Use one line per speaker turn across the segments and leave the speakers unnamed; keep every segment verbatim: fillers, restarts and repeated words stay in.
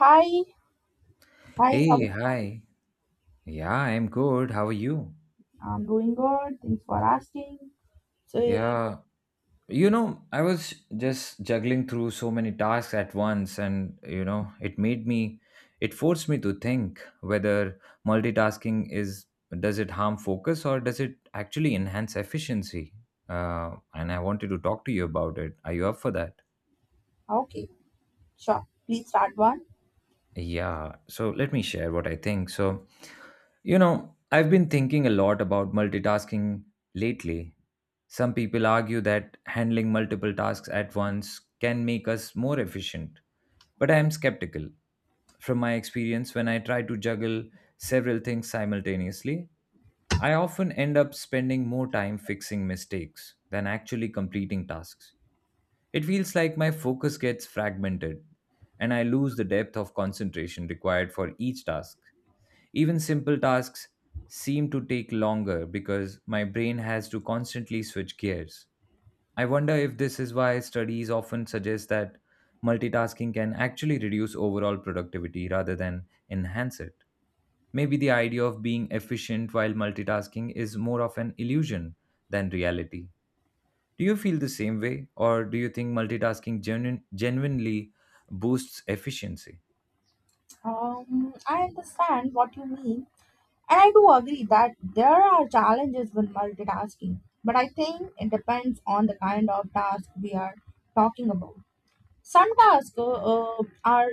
Hi, hi, how
Hey, hi. Yeah, I'm good. How are you?
I'm doing good. Thanks for asking. So,
Yeah, you know, I was just juggling through so many tasks at once, and you know, it made me, it forced me to think whether multitasking is, does it harm focus or does it actually enhance efficiency? Uh, and I wanted to talk to you about it. Are you up for that?
okay, sure. Please start one.
Yeah, so let me share what I think. So, you know, I've been thinking a lot about multitasking lately. Some people argue that handling multiple tasks at once can make us more efficient, but I am skeptical. From my experience, when I try to juggle several things simultaneously, I often end up spending more time fixing mistakes than actually completing tasks. It feels like my focus gets fragmented and I lose the depth of concentration required for each task. Even simple tasks seem to take longer because my brain has to constantly switch gears. I wonder if this is why studies often suggest that multitasking can actually reduce overall productivity rather than enhance it. Maybe the idea of being efficient while multitasking is more of an illusion than reality. Do you feel the same way, or do you think multitasking genuine, genuinely boosts efficiency?
Um, I understand what you mean, and I do agree that there are challenges with multitasking, but I think it depends on the kind of task we are talking about. Some tasks uh, are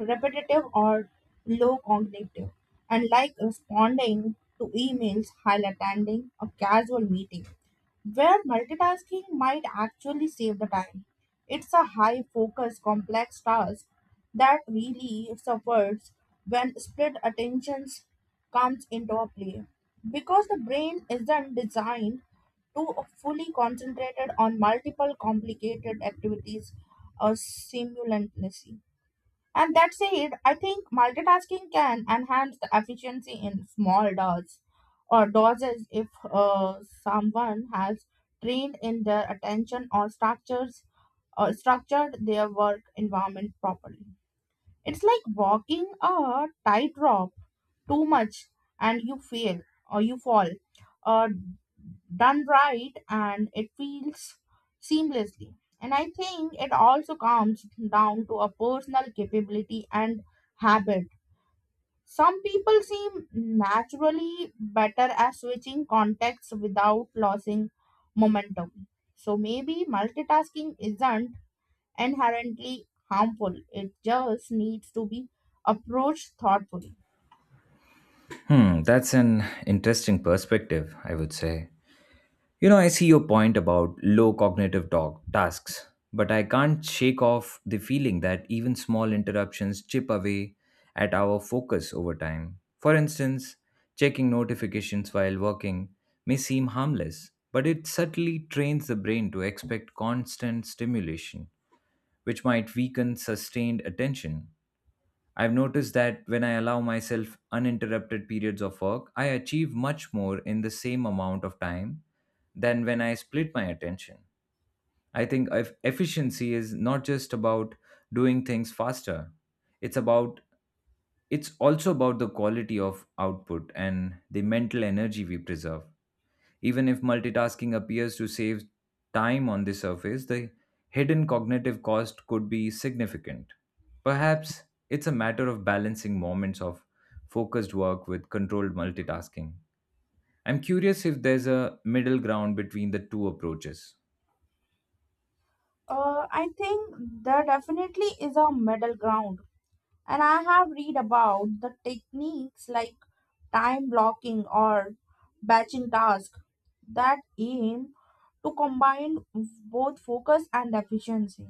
repetitive or low cognitive, and like responding to emails while attending a casual meeting, where multitasking might actually save the time. It's a high focus, complex task that really suffers when split attentions comes into a play because the brain isn't designed to fully concentrated on multiple complicated activities uh, simultaneously. And that said, I think multitasking can enhance the efficiency in small doses or doses if uh, someone has trained in their attention or structures or structured their work environment properly. It's like walking a tightrope too much and you fail or you fall. Uh, Done right and it feels seamlessly. And I think it also comes down to a personal capability and habit. Some people seem naturally better at switching contexts without losing momentum. So maybe multitasking isn't inherently harmful, it just needs to be approached thoughtfully.
Hmm, that's an interesting perspective, I would say. You know, I see your point about low cognitive talk, tasks, but I can't shake off the feeling that even small interruptions chip away at our focus over time. For instance, checking notifications while working may seem harmless, but it subtly trains the brain to expect constant stimulation, which might weaken sustained attention. I've noticed that when I allow myself uninterrupted periods of work, I achieve much more in the same amount of time than when I split my attention. I think if efficiency is not just about doing things faster. It's about it's also about the quality of output and the mental energy we preserve. Even if multitasking appears to save time on the surface, the hidden cognitive cost could be significant. Perhaps it's a matter of balancing moments of focused work with controlled multitasking. I'm curious if there's a middle ground between the two approaches.
Uh, I think there definitely is a middle ground, and I have read about the techniques like time blocking or batching tasks that aim to combine both focus and efficiency.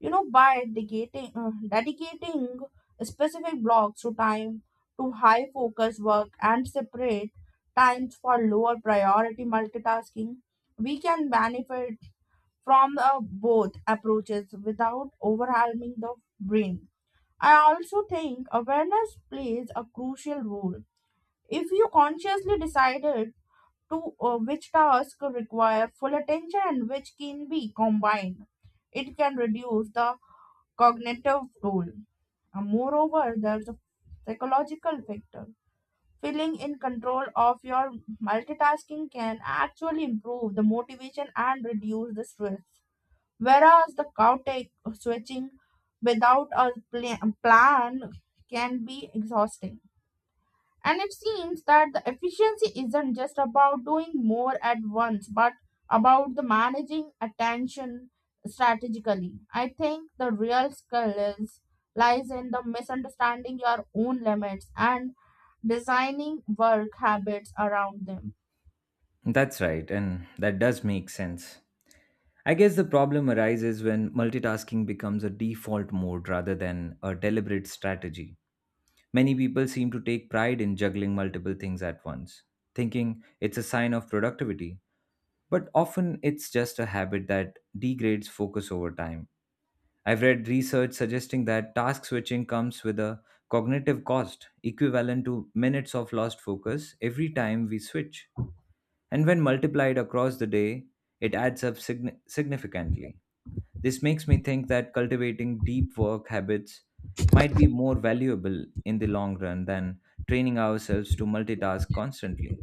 You know, by dedicating, uh, dedicating specific blocks to time to high focus work and separate times for lower priority multitasking, we can benefit from the both approaches without overwhelming the brain. I also think awareness plays a crucial role. If you consciously decided to uh, which tasks require full attention and which can be combined, it can reduce the cognitive role. And moreover, there's a psychological factor. Feeling in control of your multitasking can actually improve the motivation and reduce the stress. Whereas the cow take uh, switching without a pla- plan can be exhausting. And it seems that the efficiency isn't just about doing more at once, but about the managing attention strategically. I think the real skill is lies in the misunderstanding your own limits and designing work habits around them.
That's right, and that does make sense. I guess the problem arises when multitasking becomes a default mode rather than a deliberate strategy. Many people seem to take pride in juggling multiple things at once, thinking it's a sign of productivity, but often it's just a habit that degrades focus over time. I've read research suggesting that task switching comes with a cognitive cost equivalent to minutes of lost focus every time we switch. And when multiplied across the day, it adds up signi- significantly. This makes me think that cultivating deep work habits might be more valuable in the long run than training ourselves to multitask constantly.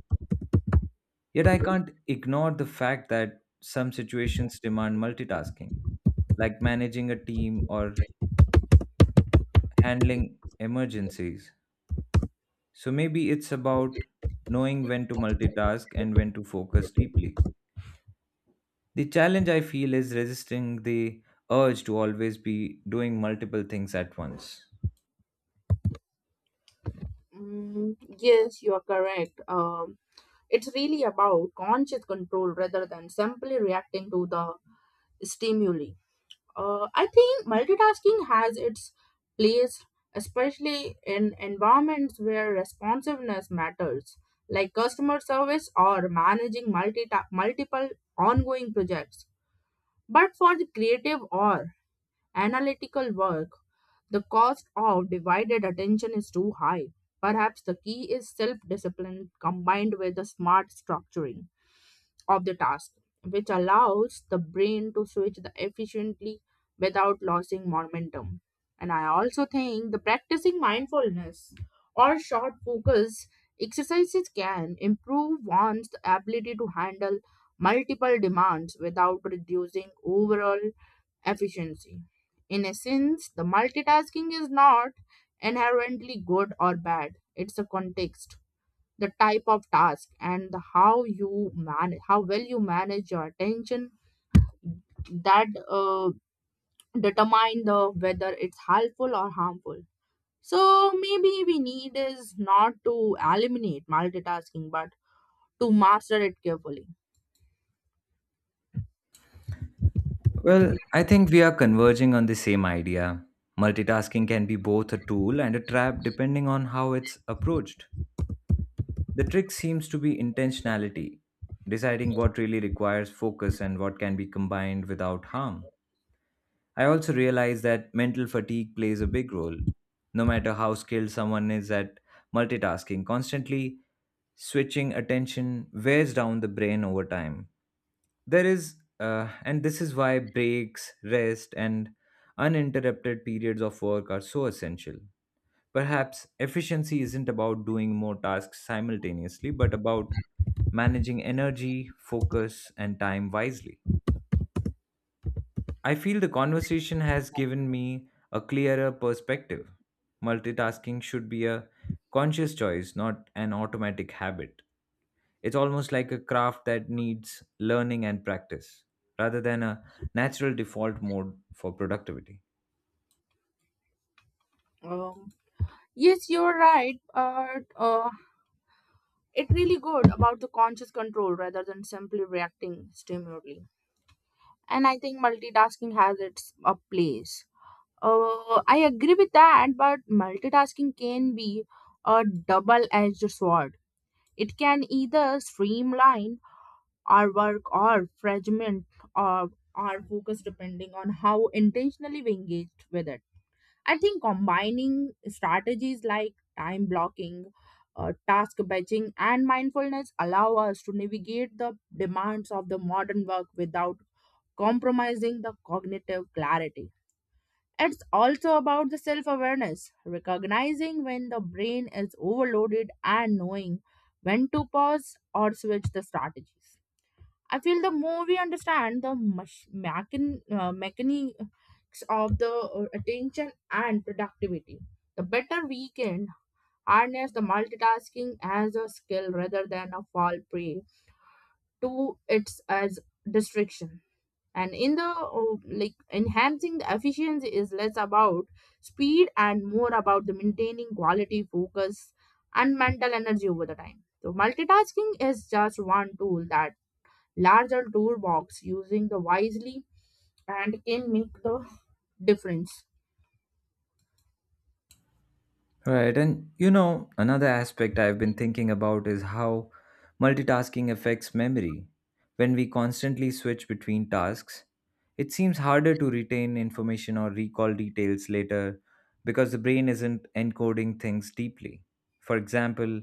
Yet I can't ignore the fact that some situations demand multitasking, like managing a team or handling emergencies. So maybe it's about knowing when to multitask and when to focus deeply. The challenge I feel is resisting the urge to always be doing multiple things at once.
Mm, yes, you are correct. Um, It's really about conscious control rather than simply reacting to the stimuli. Uh, I think multitasking has its place, especially in environments where responsiveness matters, like customer service or managing multi- multiple ongoing projects. But for the creative or analytical work, the cost of divided attention is too high. Perhaps the key is self discipline combined with a smart structuring of the task, which allows the brain to switch the efficiently without losing momentum. And I also think the practicing mindfulness or short focus exercises can improve one's ability to handle multiple demands without reducing overall efficiency. In essence, the multitasking is not inherently good or bad. It's a context the type of task and the how you manage how well you manage your attention that uh, determine the whether it's helpful or harmful so maybe we need is not to eliminate multitasking but to master it carefully.
Well, I think we are converging on the same idea. Multitasking can be both a tool and a trap depending on how it's approached. The trick seems to be intentionality, deciding what really requires focus and what can be combined without harm. I also realize that mental fatigue plays a big role. No matter how skilled someone is at multitasking, constantly switching attention wears down the brain over time. There is, uh, and this is why breaks, rest, and uninterrupted periods of work are so essential. Perhaps efficiency isn't about doing more tasks simultaneously, but about managing energy, focus, and time wisely. I feel the conversation has given me a clearer perspective. Multitasking should be a conscious choice, not an automatic habit. It's almost like a craft that needs learning and practice, rather than a natural default mode for productivity.
um, yes you're right uh, uh, it really good about the conscious control rather than simply reacting stimuli and I think multitasking has its a place. Uh, I agree with that, but multitasking can be a double edged sword. It can either streamline our work or fragment of our focus depending on how intentionally we engaged with it. I think combining strategies like time blocking, uh, task batching, and mindfulness allow us to navigate the demands of the modern work without compromising the cognitive clarity. It's also about the self awareness, recognizing when the brain is overloaded and knowing when to pause or switch the strategies. I feel the more we understand the mach- machin- uh, mechanics of the uh, attention and productivity, the better we can harness the multitasking as a skill rather than a fall prey to its as distraction and in the oh, like enhancing the efficiency is less about speed and more about the maintaining quality focus and mental energy over the time so multitasking is just one tool that larger toolbox using the wisely and can make the difference.
Right. And you know, another aspect I've been thinking about is how multitasking affects memory. When we constantly switch between tasks, it seems harder to retain information or recall details later because the brain isn't encoding things deeply. For example,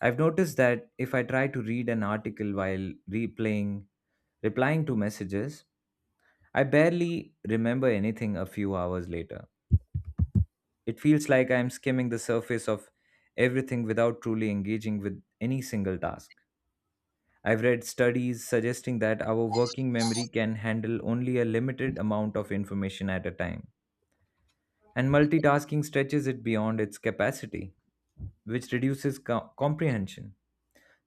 I've noticed that if I try to read an article while replaying replying to messages, I barely remember anything a few hours later. It feels like I am skimming the surface of everything without truly engaging with any single task. I've read studies suggesting that our working memory can handle only a limited amount of information at a time, and multitasking stretches it beyond its capacity, which reduces co- comprehension.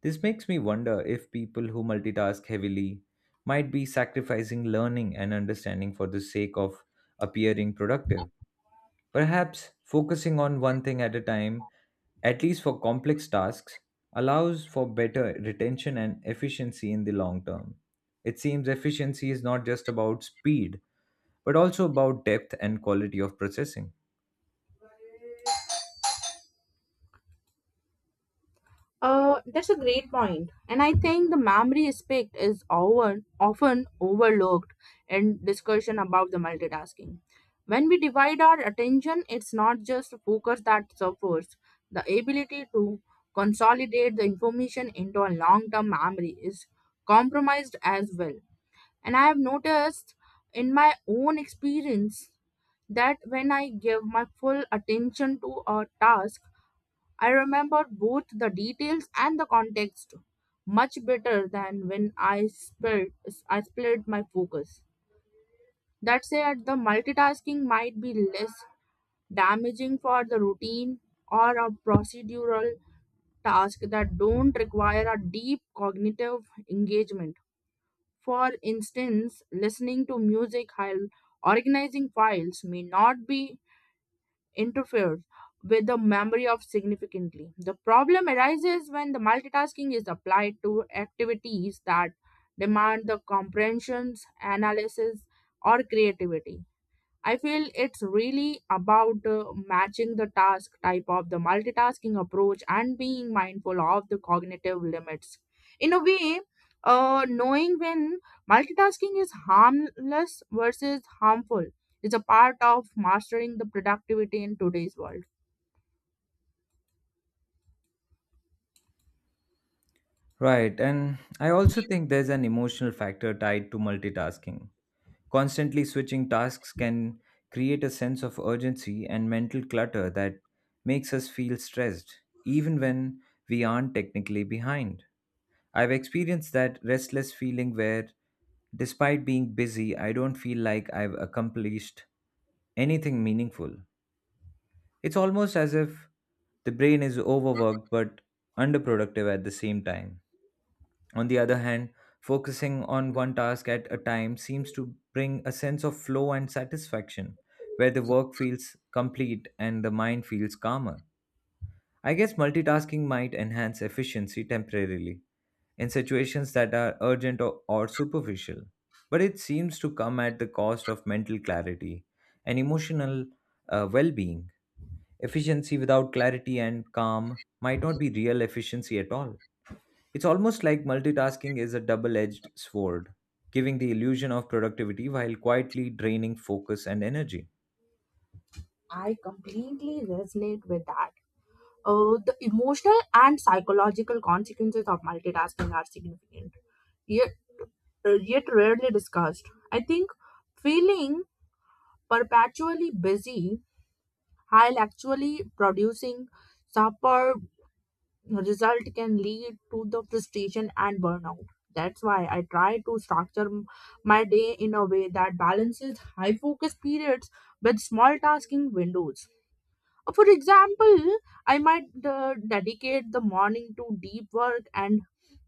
This makes me wonder if people who multitask heavily might be sacrificing learning and understanding for the sake of appearing productive. Perhaps focusing on one thing at a time, at least for complex tasks, allows for better retention and efficiency in the long term. It seems efficiency is not just about speed, but also about depth and quality of processing.
Uh, that's a great point, and I think the memory aspect is over, often overlooked in discussion about the multitasking. When we divide our attention, it's not just focus that suffers. The ability to consolidate the information into a long-term memory is compromised as well. And I have noticed in my own experience that when I give my full attention to a task, I remember both the details and the context much better than when I split, I split my focus. That said, the multitasking might be less damaging for the routine or a procedural task that don't require a deep cognitive engagement. For instance, listening to music while organizing files may not be interferes with the memory of significantly. The problem arises when the multitasking is applied to activities that demand the comprehensions, analysis, or creativity. I feel it's really about uh, matching the task type of the multitasking approach and being mindful of the cognitive limits. In a way, uh, knowing when multitasking is harmless versus harmful is a part of mastering the productivity in today's world.
Right, and I also think there's an emotional factor tied to multitasking. Constantly switching tasks can create a sense of urgency and mental clutter that makes us feel stressed, even when we aren't technically behind. I've experienced that restless feeling where, despite being busy, I don't feel like I've accomplished anything meaningful. It's almost as if the brain is overworked but underproductive at the same time. On the other hand, focusing on one task at a time seems to bring a sense of flow and satisfaction, where the work feels complete and the mind feels calmer. I guess multitasking might enhance efficiency temporarily in situations that are urgent or, or superficial, but it seems to come at the cost of mental clarity and emotional uh, well being. Efficiency without clarity and calm might not be real efficiency at all. It's almost like multitasking is a double edged sword, giving the illusion of productivity while quietly draining focus and energy.
I completely resonate with that. Uh, the emotional and psychological consequences of multitasking are significant, yet, uh, yet rarely discussed. I think feeling perpetually busy while actually producing superb result can lead to the frustration and burnout. That's why I try to structure m- my day in a way that balances high focus periods with small tasking windows. Uh, for example I might uh, dedicate the morning to deep work and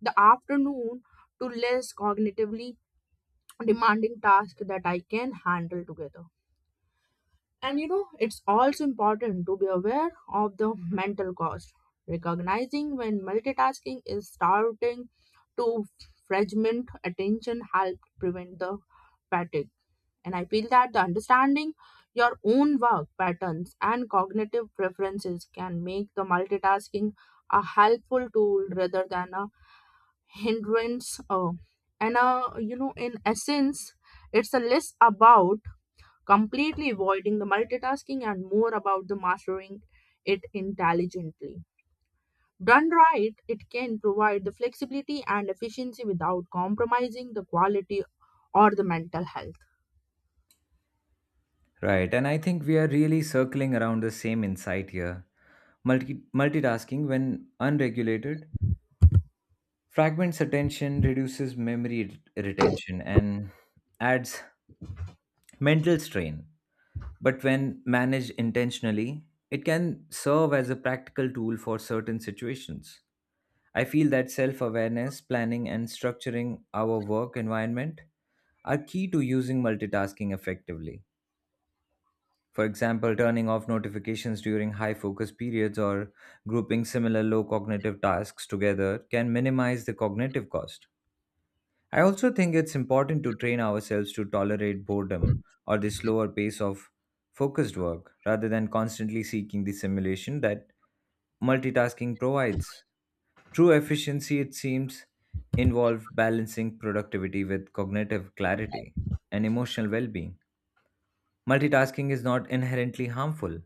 the afternoon to less cognitively demanding tasks that I can handle together. And you know, it's also important to be aware of the mental cost, recognizing when multitasking is starting to fragment attention help prevent the fatigue. And I feel that the understanding your own work patterns and cognitive preferences can make the multitasking a helpful tool rather than a hindrance. Uh, and uh, You know, in essence, it's a less about completely avoiding the multitasking and more about the mastering it intelligently. Done right, it can provide the flexibility and efficiency without compromising the quality or the mental health.
Right, and I think we are really circling around the same insight here. Multi- multitasking, when unregulated, fragments attention, reduces memory re- retention, and adds mental strain. But when managed intentionally, it can serve as a practical tool for certain situations. I feel that self awareness, planning, and structuring our work environment are key to using multitasking effectively. For example, turning off notifications during high focus periods or grouping similar low cognitive tasks together can minimize the cognitive cost. I also think it's important to train ourselves to tolerate boredom or the slower pace of focused work rather than constantly seeking the simulation that multitasking provides. True efficiency, it seems, involves balancing productivity with cognitive clarity and emotional well being. Multitasking is not inherently harmful.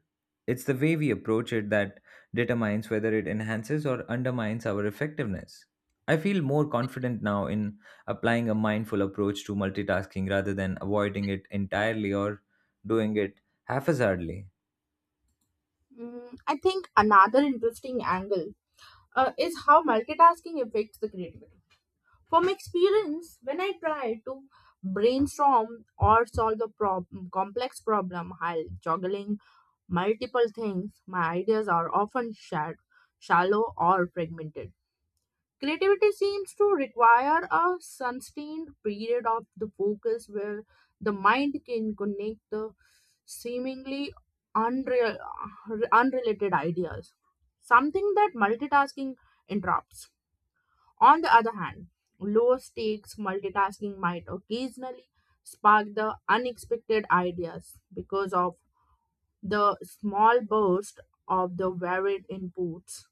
It's the way we approach it that determines whether it enhances or undermines our effectiveness. I feel more confident now in applying a mindful approach to multitasking rather than avoiding it entirely or doing it haphazardly.
Mm, I think another interesting angle uh, is how multitasking affects the creativity. From experience, when I try to brainstorm or solve a prob- complex problem while juggling multiple things, my ideas are often shared, shallow or fragmented. Creativity seems to require a sustained period of the focus where the mind can connect the seemingly unreal, unrelated ideas, something that multitasking interrupts. On the other hand, low stakes multitasking might occasionally spark the unexpected ideas because of the small burst of the varied inputs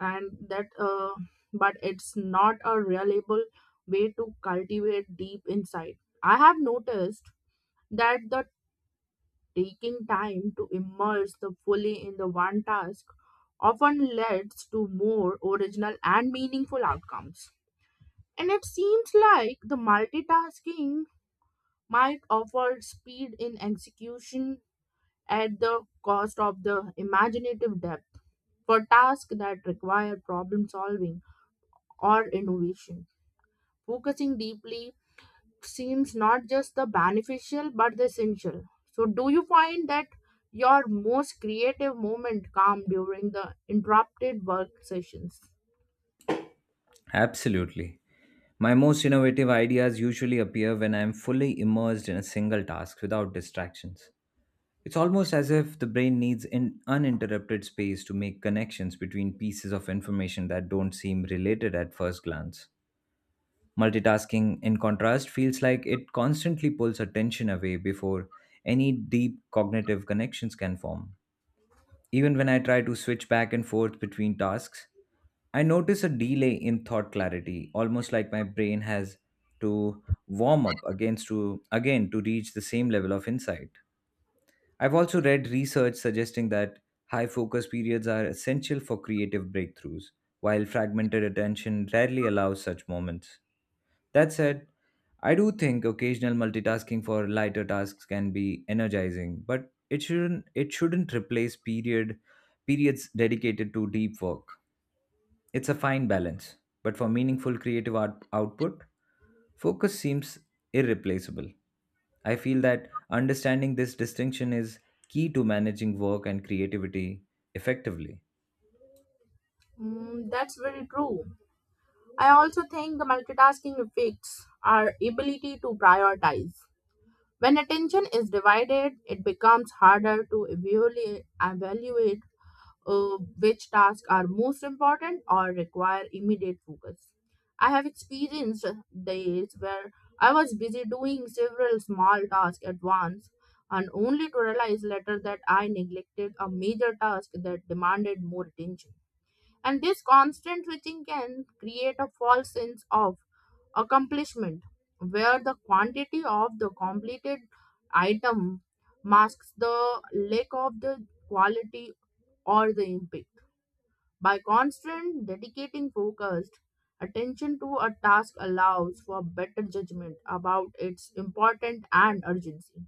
and that uh, but it's not a reliable way to cultivate deep insight. I have noticed that the taking time to immerse the fully in the one task often leads to more original and meaningful outcomes and it seems like the multitasking might offer speed in execution at the cost of the imaginative depth. For tasks that require problem solving or innovation, focusing deeply seems not just the beneficial but the essential. So, do you find that your most creative moment come during the interrupted work sessions?
Absolutely. My most innovative ideas usually appear when I am fully immersed in a single task without distractions. It's almost as if the brain needs an uninterrupted space to make connections between pieces of information that don't seem related at first glance. Multitasking, in contrast, feels like it constantly pulls attention away before any deep cognitive connections can form. Even when I try to switch back and forth between tasks, I notice a delay in thought clarity, almost like my brain has to warm up against to again to reach the same level of insight. I've also read research suggesting that high focus periods are essential for creative breakthroughs, while fragmented attention rarely allows such moments. That said, I do think occasional multitasking for lighter tasks can be energizing, but it shouldn't it shouldn't replace period periods dedicated to deep work. It's a fine balance, but for meaningful creative art output, focus seems irreplaceable. I feel that understanding this distinction is key to managing work and creativity effectively.
Mm, that's very true. I also think the multitasking affects our ability to prioritize. When attention is divided, it becomes harder to evaluate, evaluate uh, which tasks are most important or require immediate focus. I have experienced days where I was busy doing several small tasks at once and only to realize later that I neglected a major task that demanded more attention. And this constant switching can create a false sense of accomplishment, where the quantity of the completed item masks the lack of the quality or the impact. By constant dedicating focused attention to a task allows for better judgment about its importance and urgency.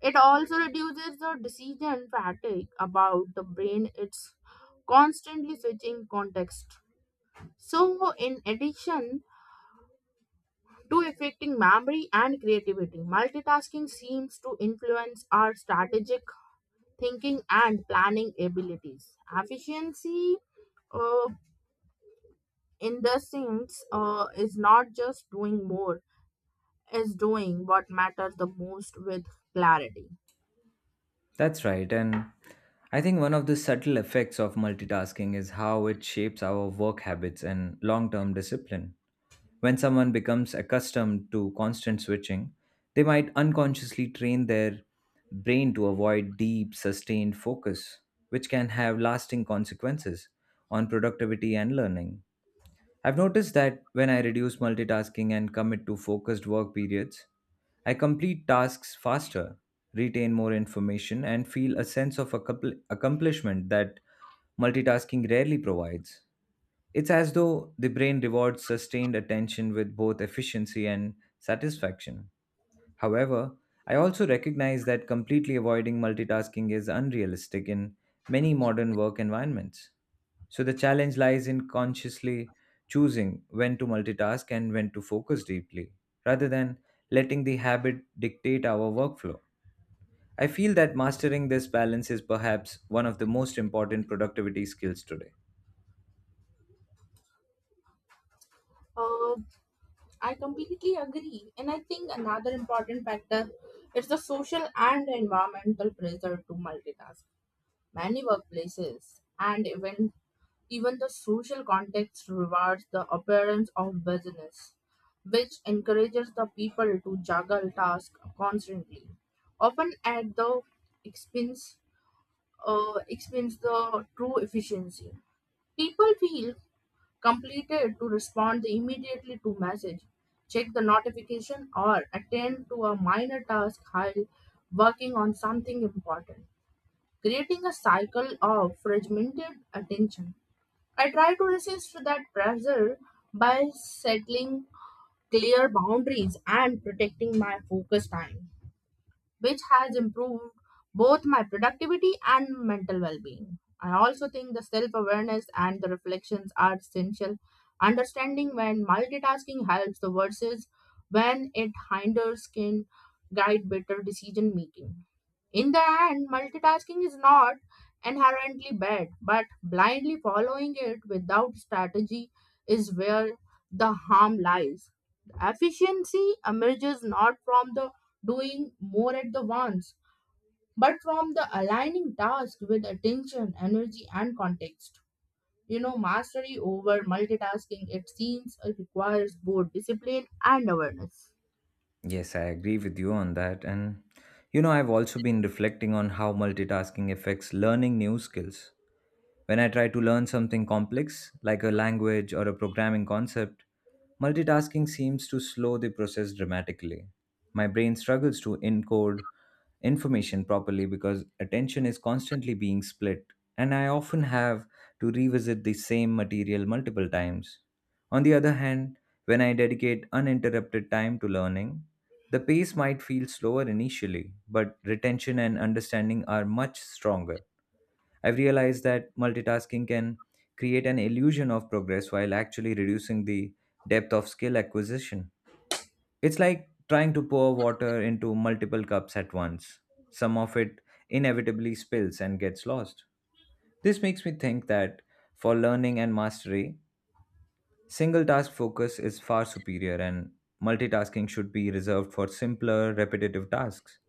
It also reduces the decision fatigue about the brain its constantly switching context. So in addition to affecting memory and creativity. Multitasking seems to influence our strategic thinking and planning abilities. Efficiency, uh, in the sense, uh, is not just doing more, is doing what matters the most with clarity.
That's right. And I think one of the subtle effects of multitasking is how it shapes our work habits and long term discipline. When someone becomes accustomed to constant switching, they might unconsciously train their brain to avoid deep, sustained focus, which can have lasting consequences on productivity and learning. I've noticed that when I reduce multitasking and commit to focused work periods, I complete tasks faster, retain more information, and feel a sense of accompli- accomplishment that multitasking rarely provides. It's as though the brain rewards sustained attention with both efficiency and satisfaction. However, I also recognize that completely avoiding multitasking is unrealistic in many modern work environments. So the challenge lies in consciously choosing when to multitask and when to focus deeply, rather than letting the habit dictate our workflow. I feel that mastering this balance is perhaps one of the most important productivity skills today.
Uh, I completely agree, and I think another important factor is the social and environmental pressure to multitask. Many workplaces and even even the social context rewards the appearance of business, which encourages the people to juggle tasks constantly, often at the expense uh, expense the true efficiency. People feel completed to respond immediately to message, check the notification, or attend to a minor task while working on something important creating a cycle of fragmented attention. I try to resist that pressure by settling clear boundaries and protecting my focus time which has improved both my productivity and mental well being. I also think the self awareness and the reflections are essential. Understanding when multitasking helps the versus when it hinders can guide better decision making. In the end, multitasking is not inherently bad, but blindly following it without strategy is where the harm lies. Efficiency emerges not from the doing more at the once, but from the aligning tasks with attention, energy, and context. You know, mastery over multitasking, it seems, uh, requires both discipline and awareness.
Yes, I agree with you on that. And you know, I've also been reflecting on how multitasking affects learning new skills. When I try to learn something complex, like a language or a programming concept, multitasking seems to slow the process dramatically. My brain struggles to encode information properly because attention is constantly being split, and I often have to revisit the same material multiple times. On the other hand, when I dedicate uninterrupted time to learning, the pace might feel slower initially, but retention and understanding are much stronger. I've realized that multitasking can create an illusion of progress while actually reducing the depth of skill acquisition. It's like trying to pour water into multiple cups at once. Some of it inevitably spills and gets lost. This makes me think that for learning and mastery, single task focus is far superior and multitasking should be reserved for simpler, repetitive tasks.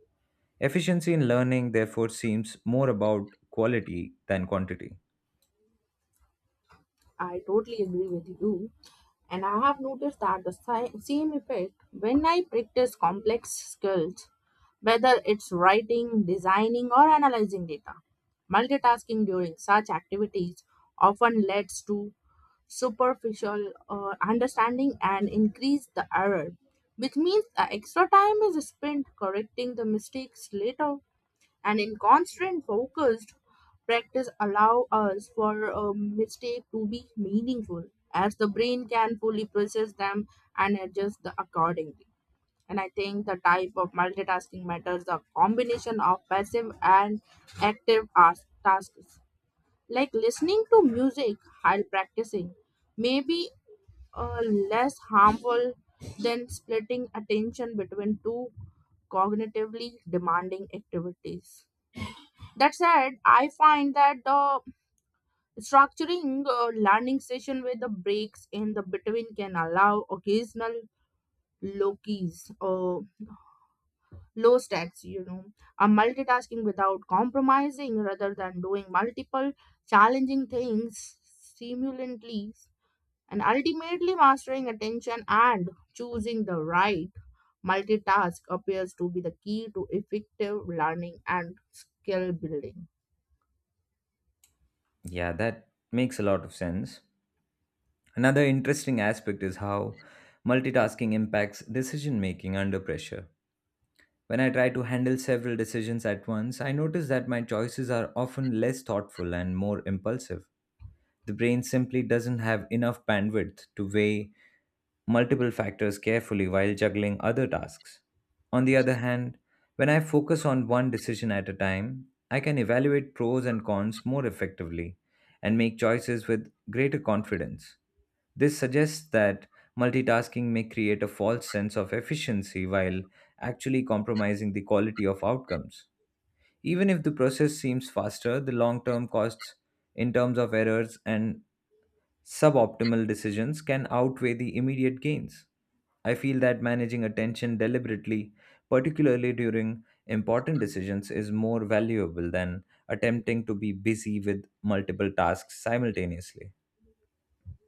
Efficiency in learning, therefore, seems more about quality than quantity.
I totally agree with you. And I have noticed that the si- same effect when I practice complex skills, whether it's writing, designing, or analyzing data. Multitasking during such activities often leads to superficial uh, understanding and increase the error, which means the extra time is spent correcting the mistakes later and in constant focused practice allow us for a mistake to be meaningful as the brain can fully process them and adjust the accordingly and I think the type of multitasking matters the combination of passive and active as- tasks like listening to music while practicing may be uh, less harmful than splitting attention between two cognitively demanding activities. That said, I find that the structuring uh, learning session with the breaks in the between can allow occasional low keys or low stacks, you know, a multitasking without compromising rather than doing multiple challenging things simultaneously and ultimately mastering attention and choosing the right multitask appears to be the key to effective learning and skill building.
Yeah, that makes a lot of sense. Another interesting aspect is how multitasking impacts decision making under pressure. When I try to handle several decisions at once, I notice that my choices are often less thoughtful and more impulsive. The brain simply doesn't have enough bandwidth to weigh multiple factors carefully while juggling other tasks. On the other hand, when I focus on one decision at a time, I can evaluate pros and cons more effectively and make choices with greater confidence. This suggests that multitasking may create a false sense of efficiency while actually compromising the quality of outcomes. Even if the process seems faster, the long term costs in terms of errors and suboptimal decisions can outweigh the immediate gains. I feel that managing attention deliberately, particularly during important decisions, is more valuable than attempting to be busy with multiple tasks simultaneously.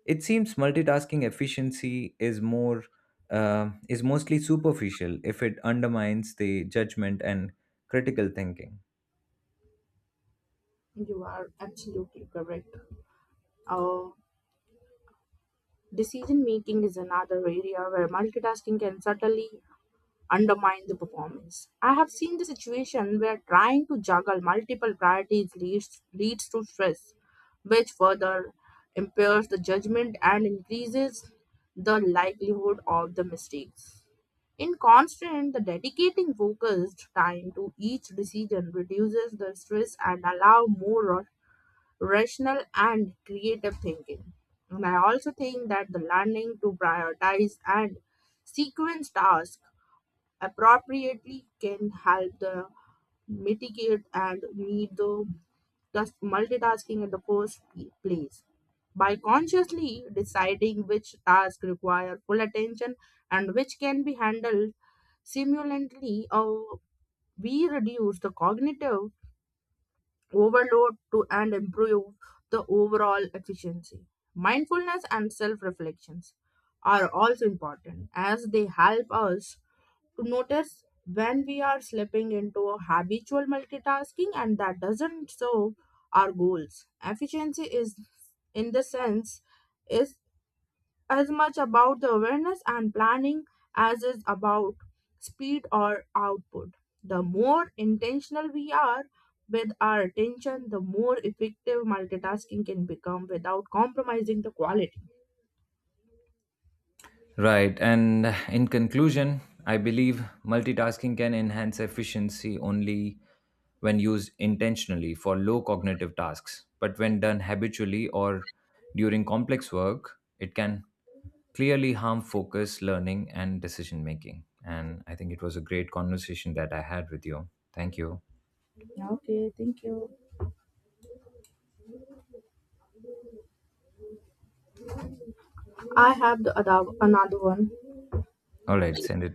It seems multitasking efficiency is more uh, is mostly superficial if it undermines the judgment and critical thinking.
You are absolutely correct. Uh, Decision making is another area where multitasking can subtly undermine the performance. I have seen the situation where trying to juggle multiple priorities leads, leads to stress, which further impairs the judgment and increases the likelihood of the mistakes. In constant, the dedicating focused time to each decision reduces the stress and allow more rational and creative thinking. And I also think that the learning to prioritize and sequence tasks appropriately can help the mitigate and meet the thus multitasking in the first p- place. By consciously deciding which tasks require full attention and which can be handled simultaneously, or we reduce the cognitive overload to and improve the overall efficiency. Mindfulness and self reflections are also important as they help us to notice when we are slipping into a habitual multitasking and that doesn't serve our goals. Efficiency is, in the sense, is as much about the awareness and planning as is about speed or output. The more intentional we are with our attention, the more effective multitasking can become without compromising the quality.
Right, and in conclusion, I believe multitasking can enhance efficiency only when used intentionally for low cognitive tasks, but when done habitually or during complex work, it can clearly harm focus, learning, and decision making. And I think it was a great conversation that I had with you. Thank you.
Okay, thank you. I have the other, another one.
All right, send it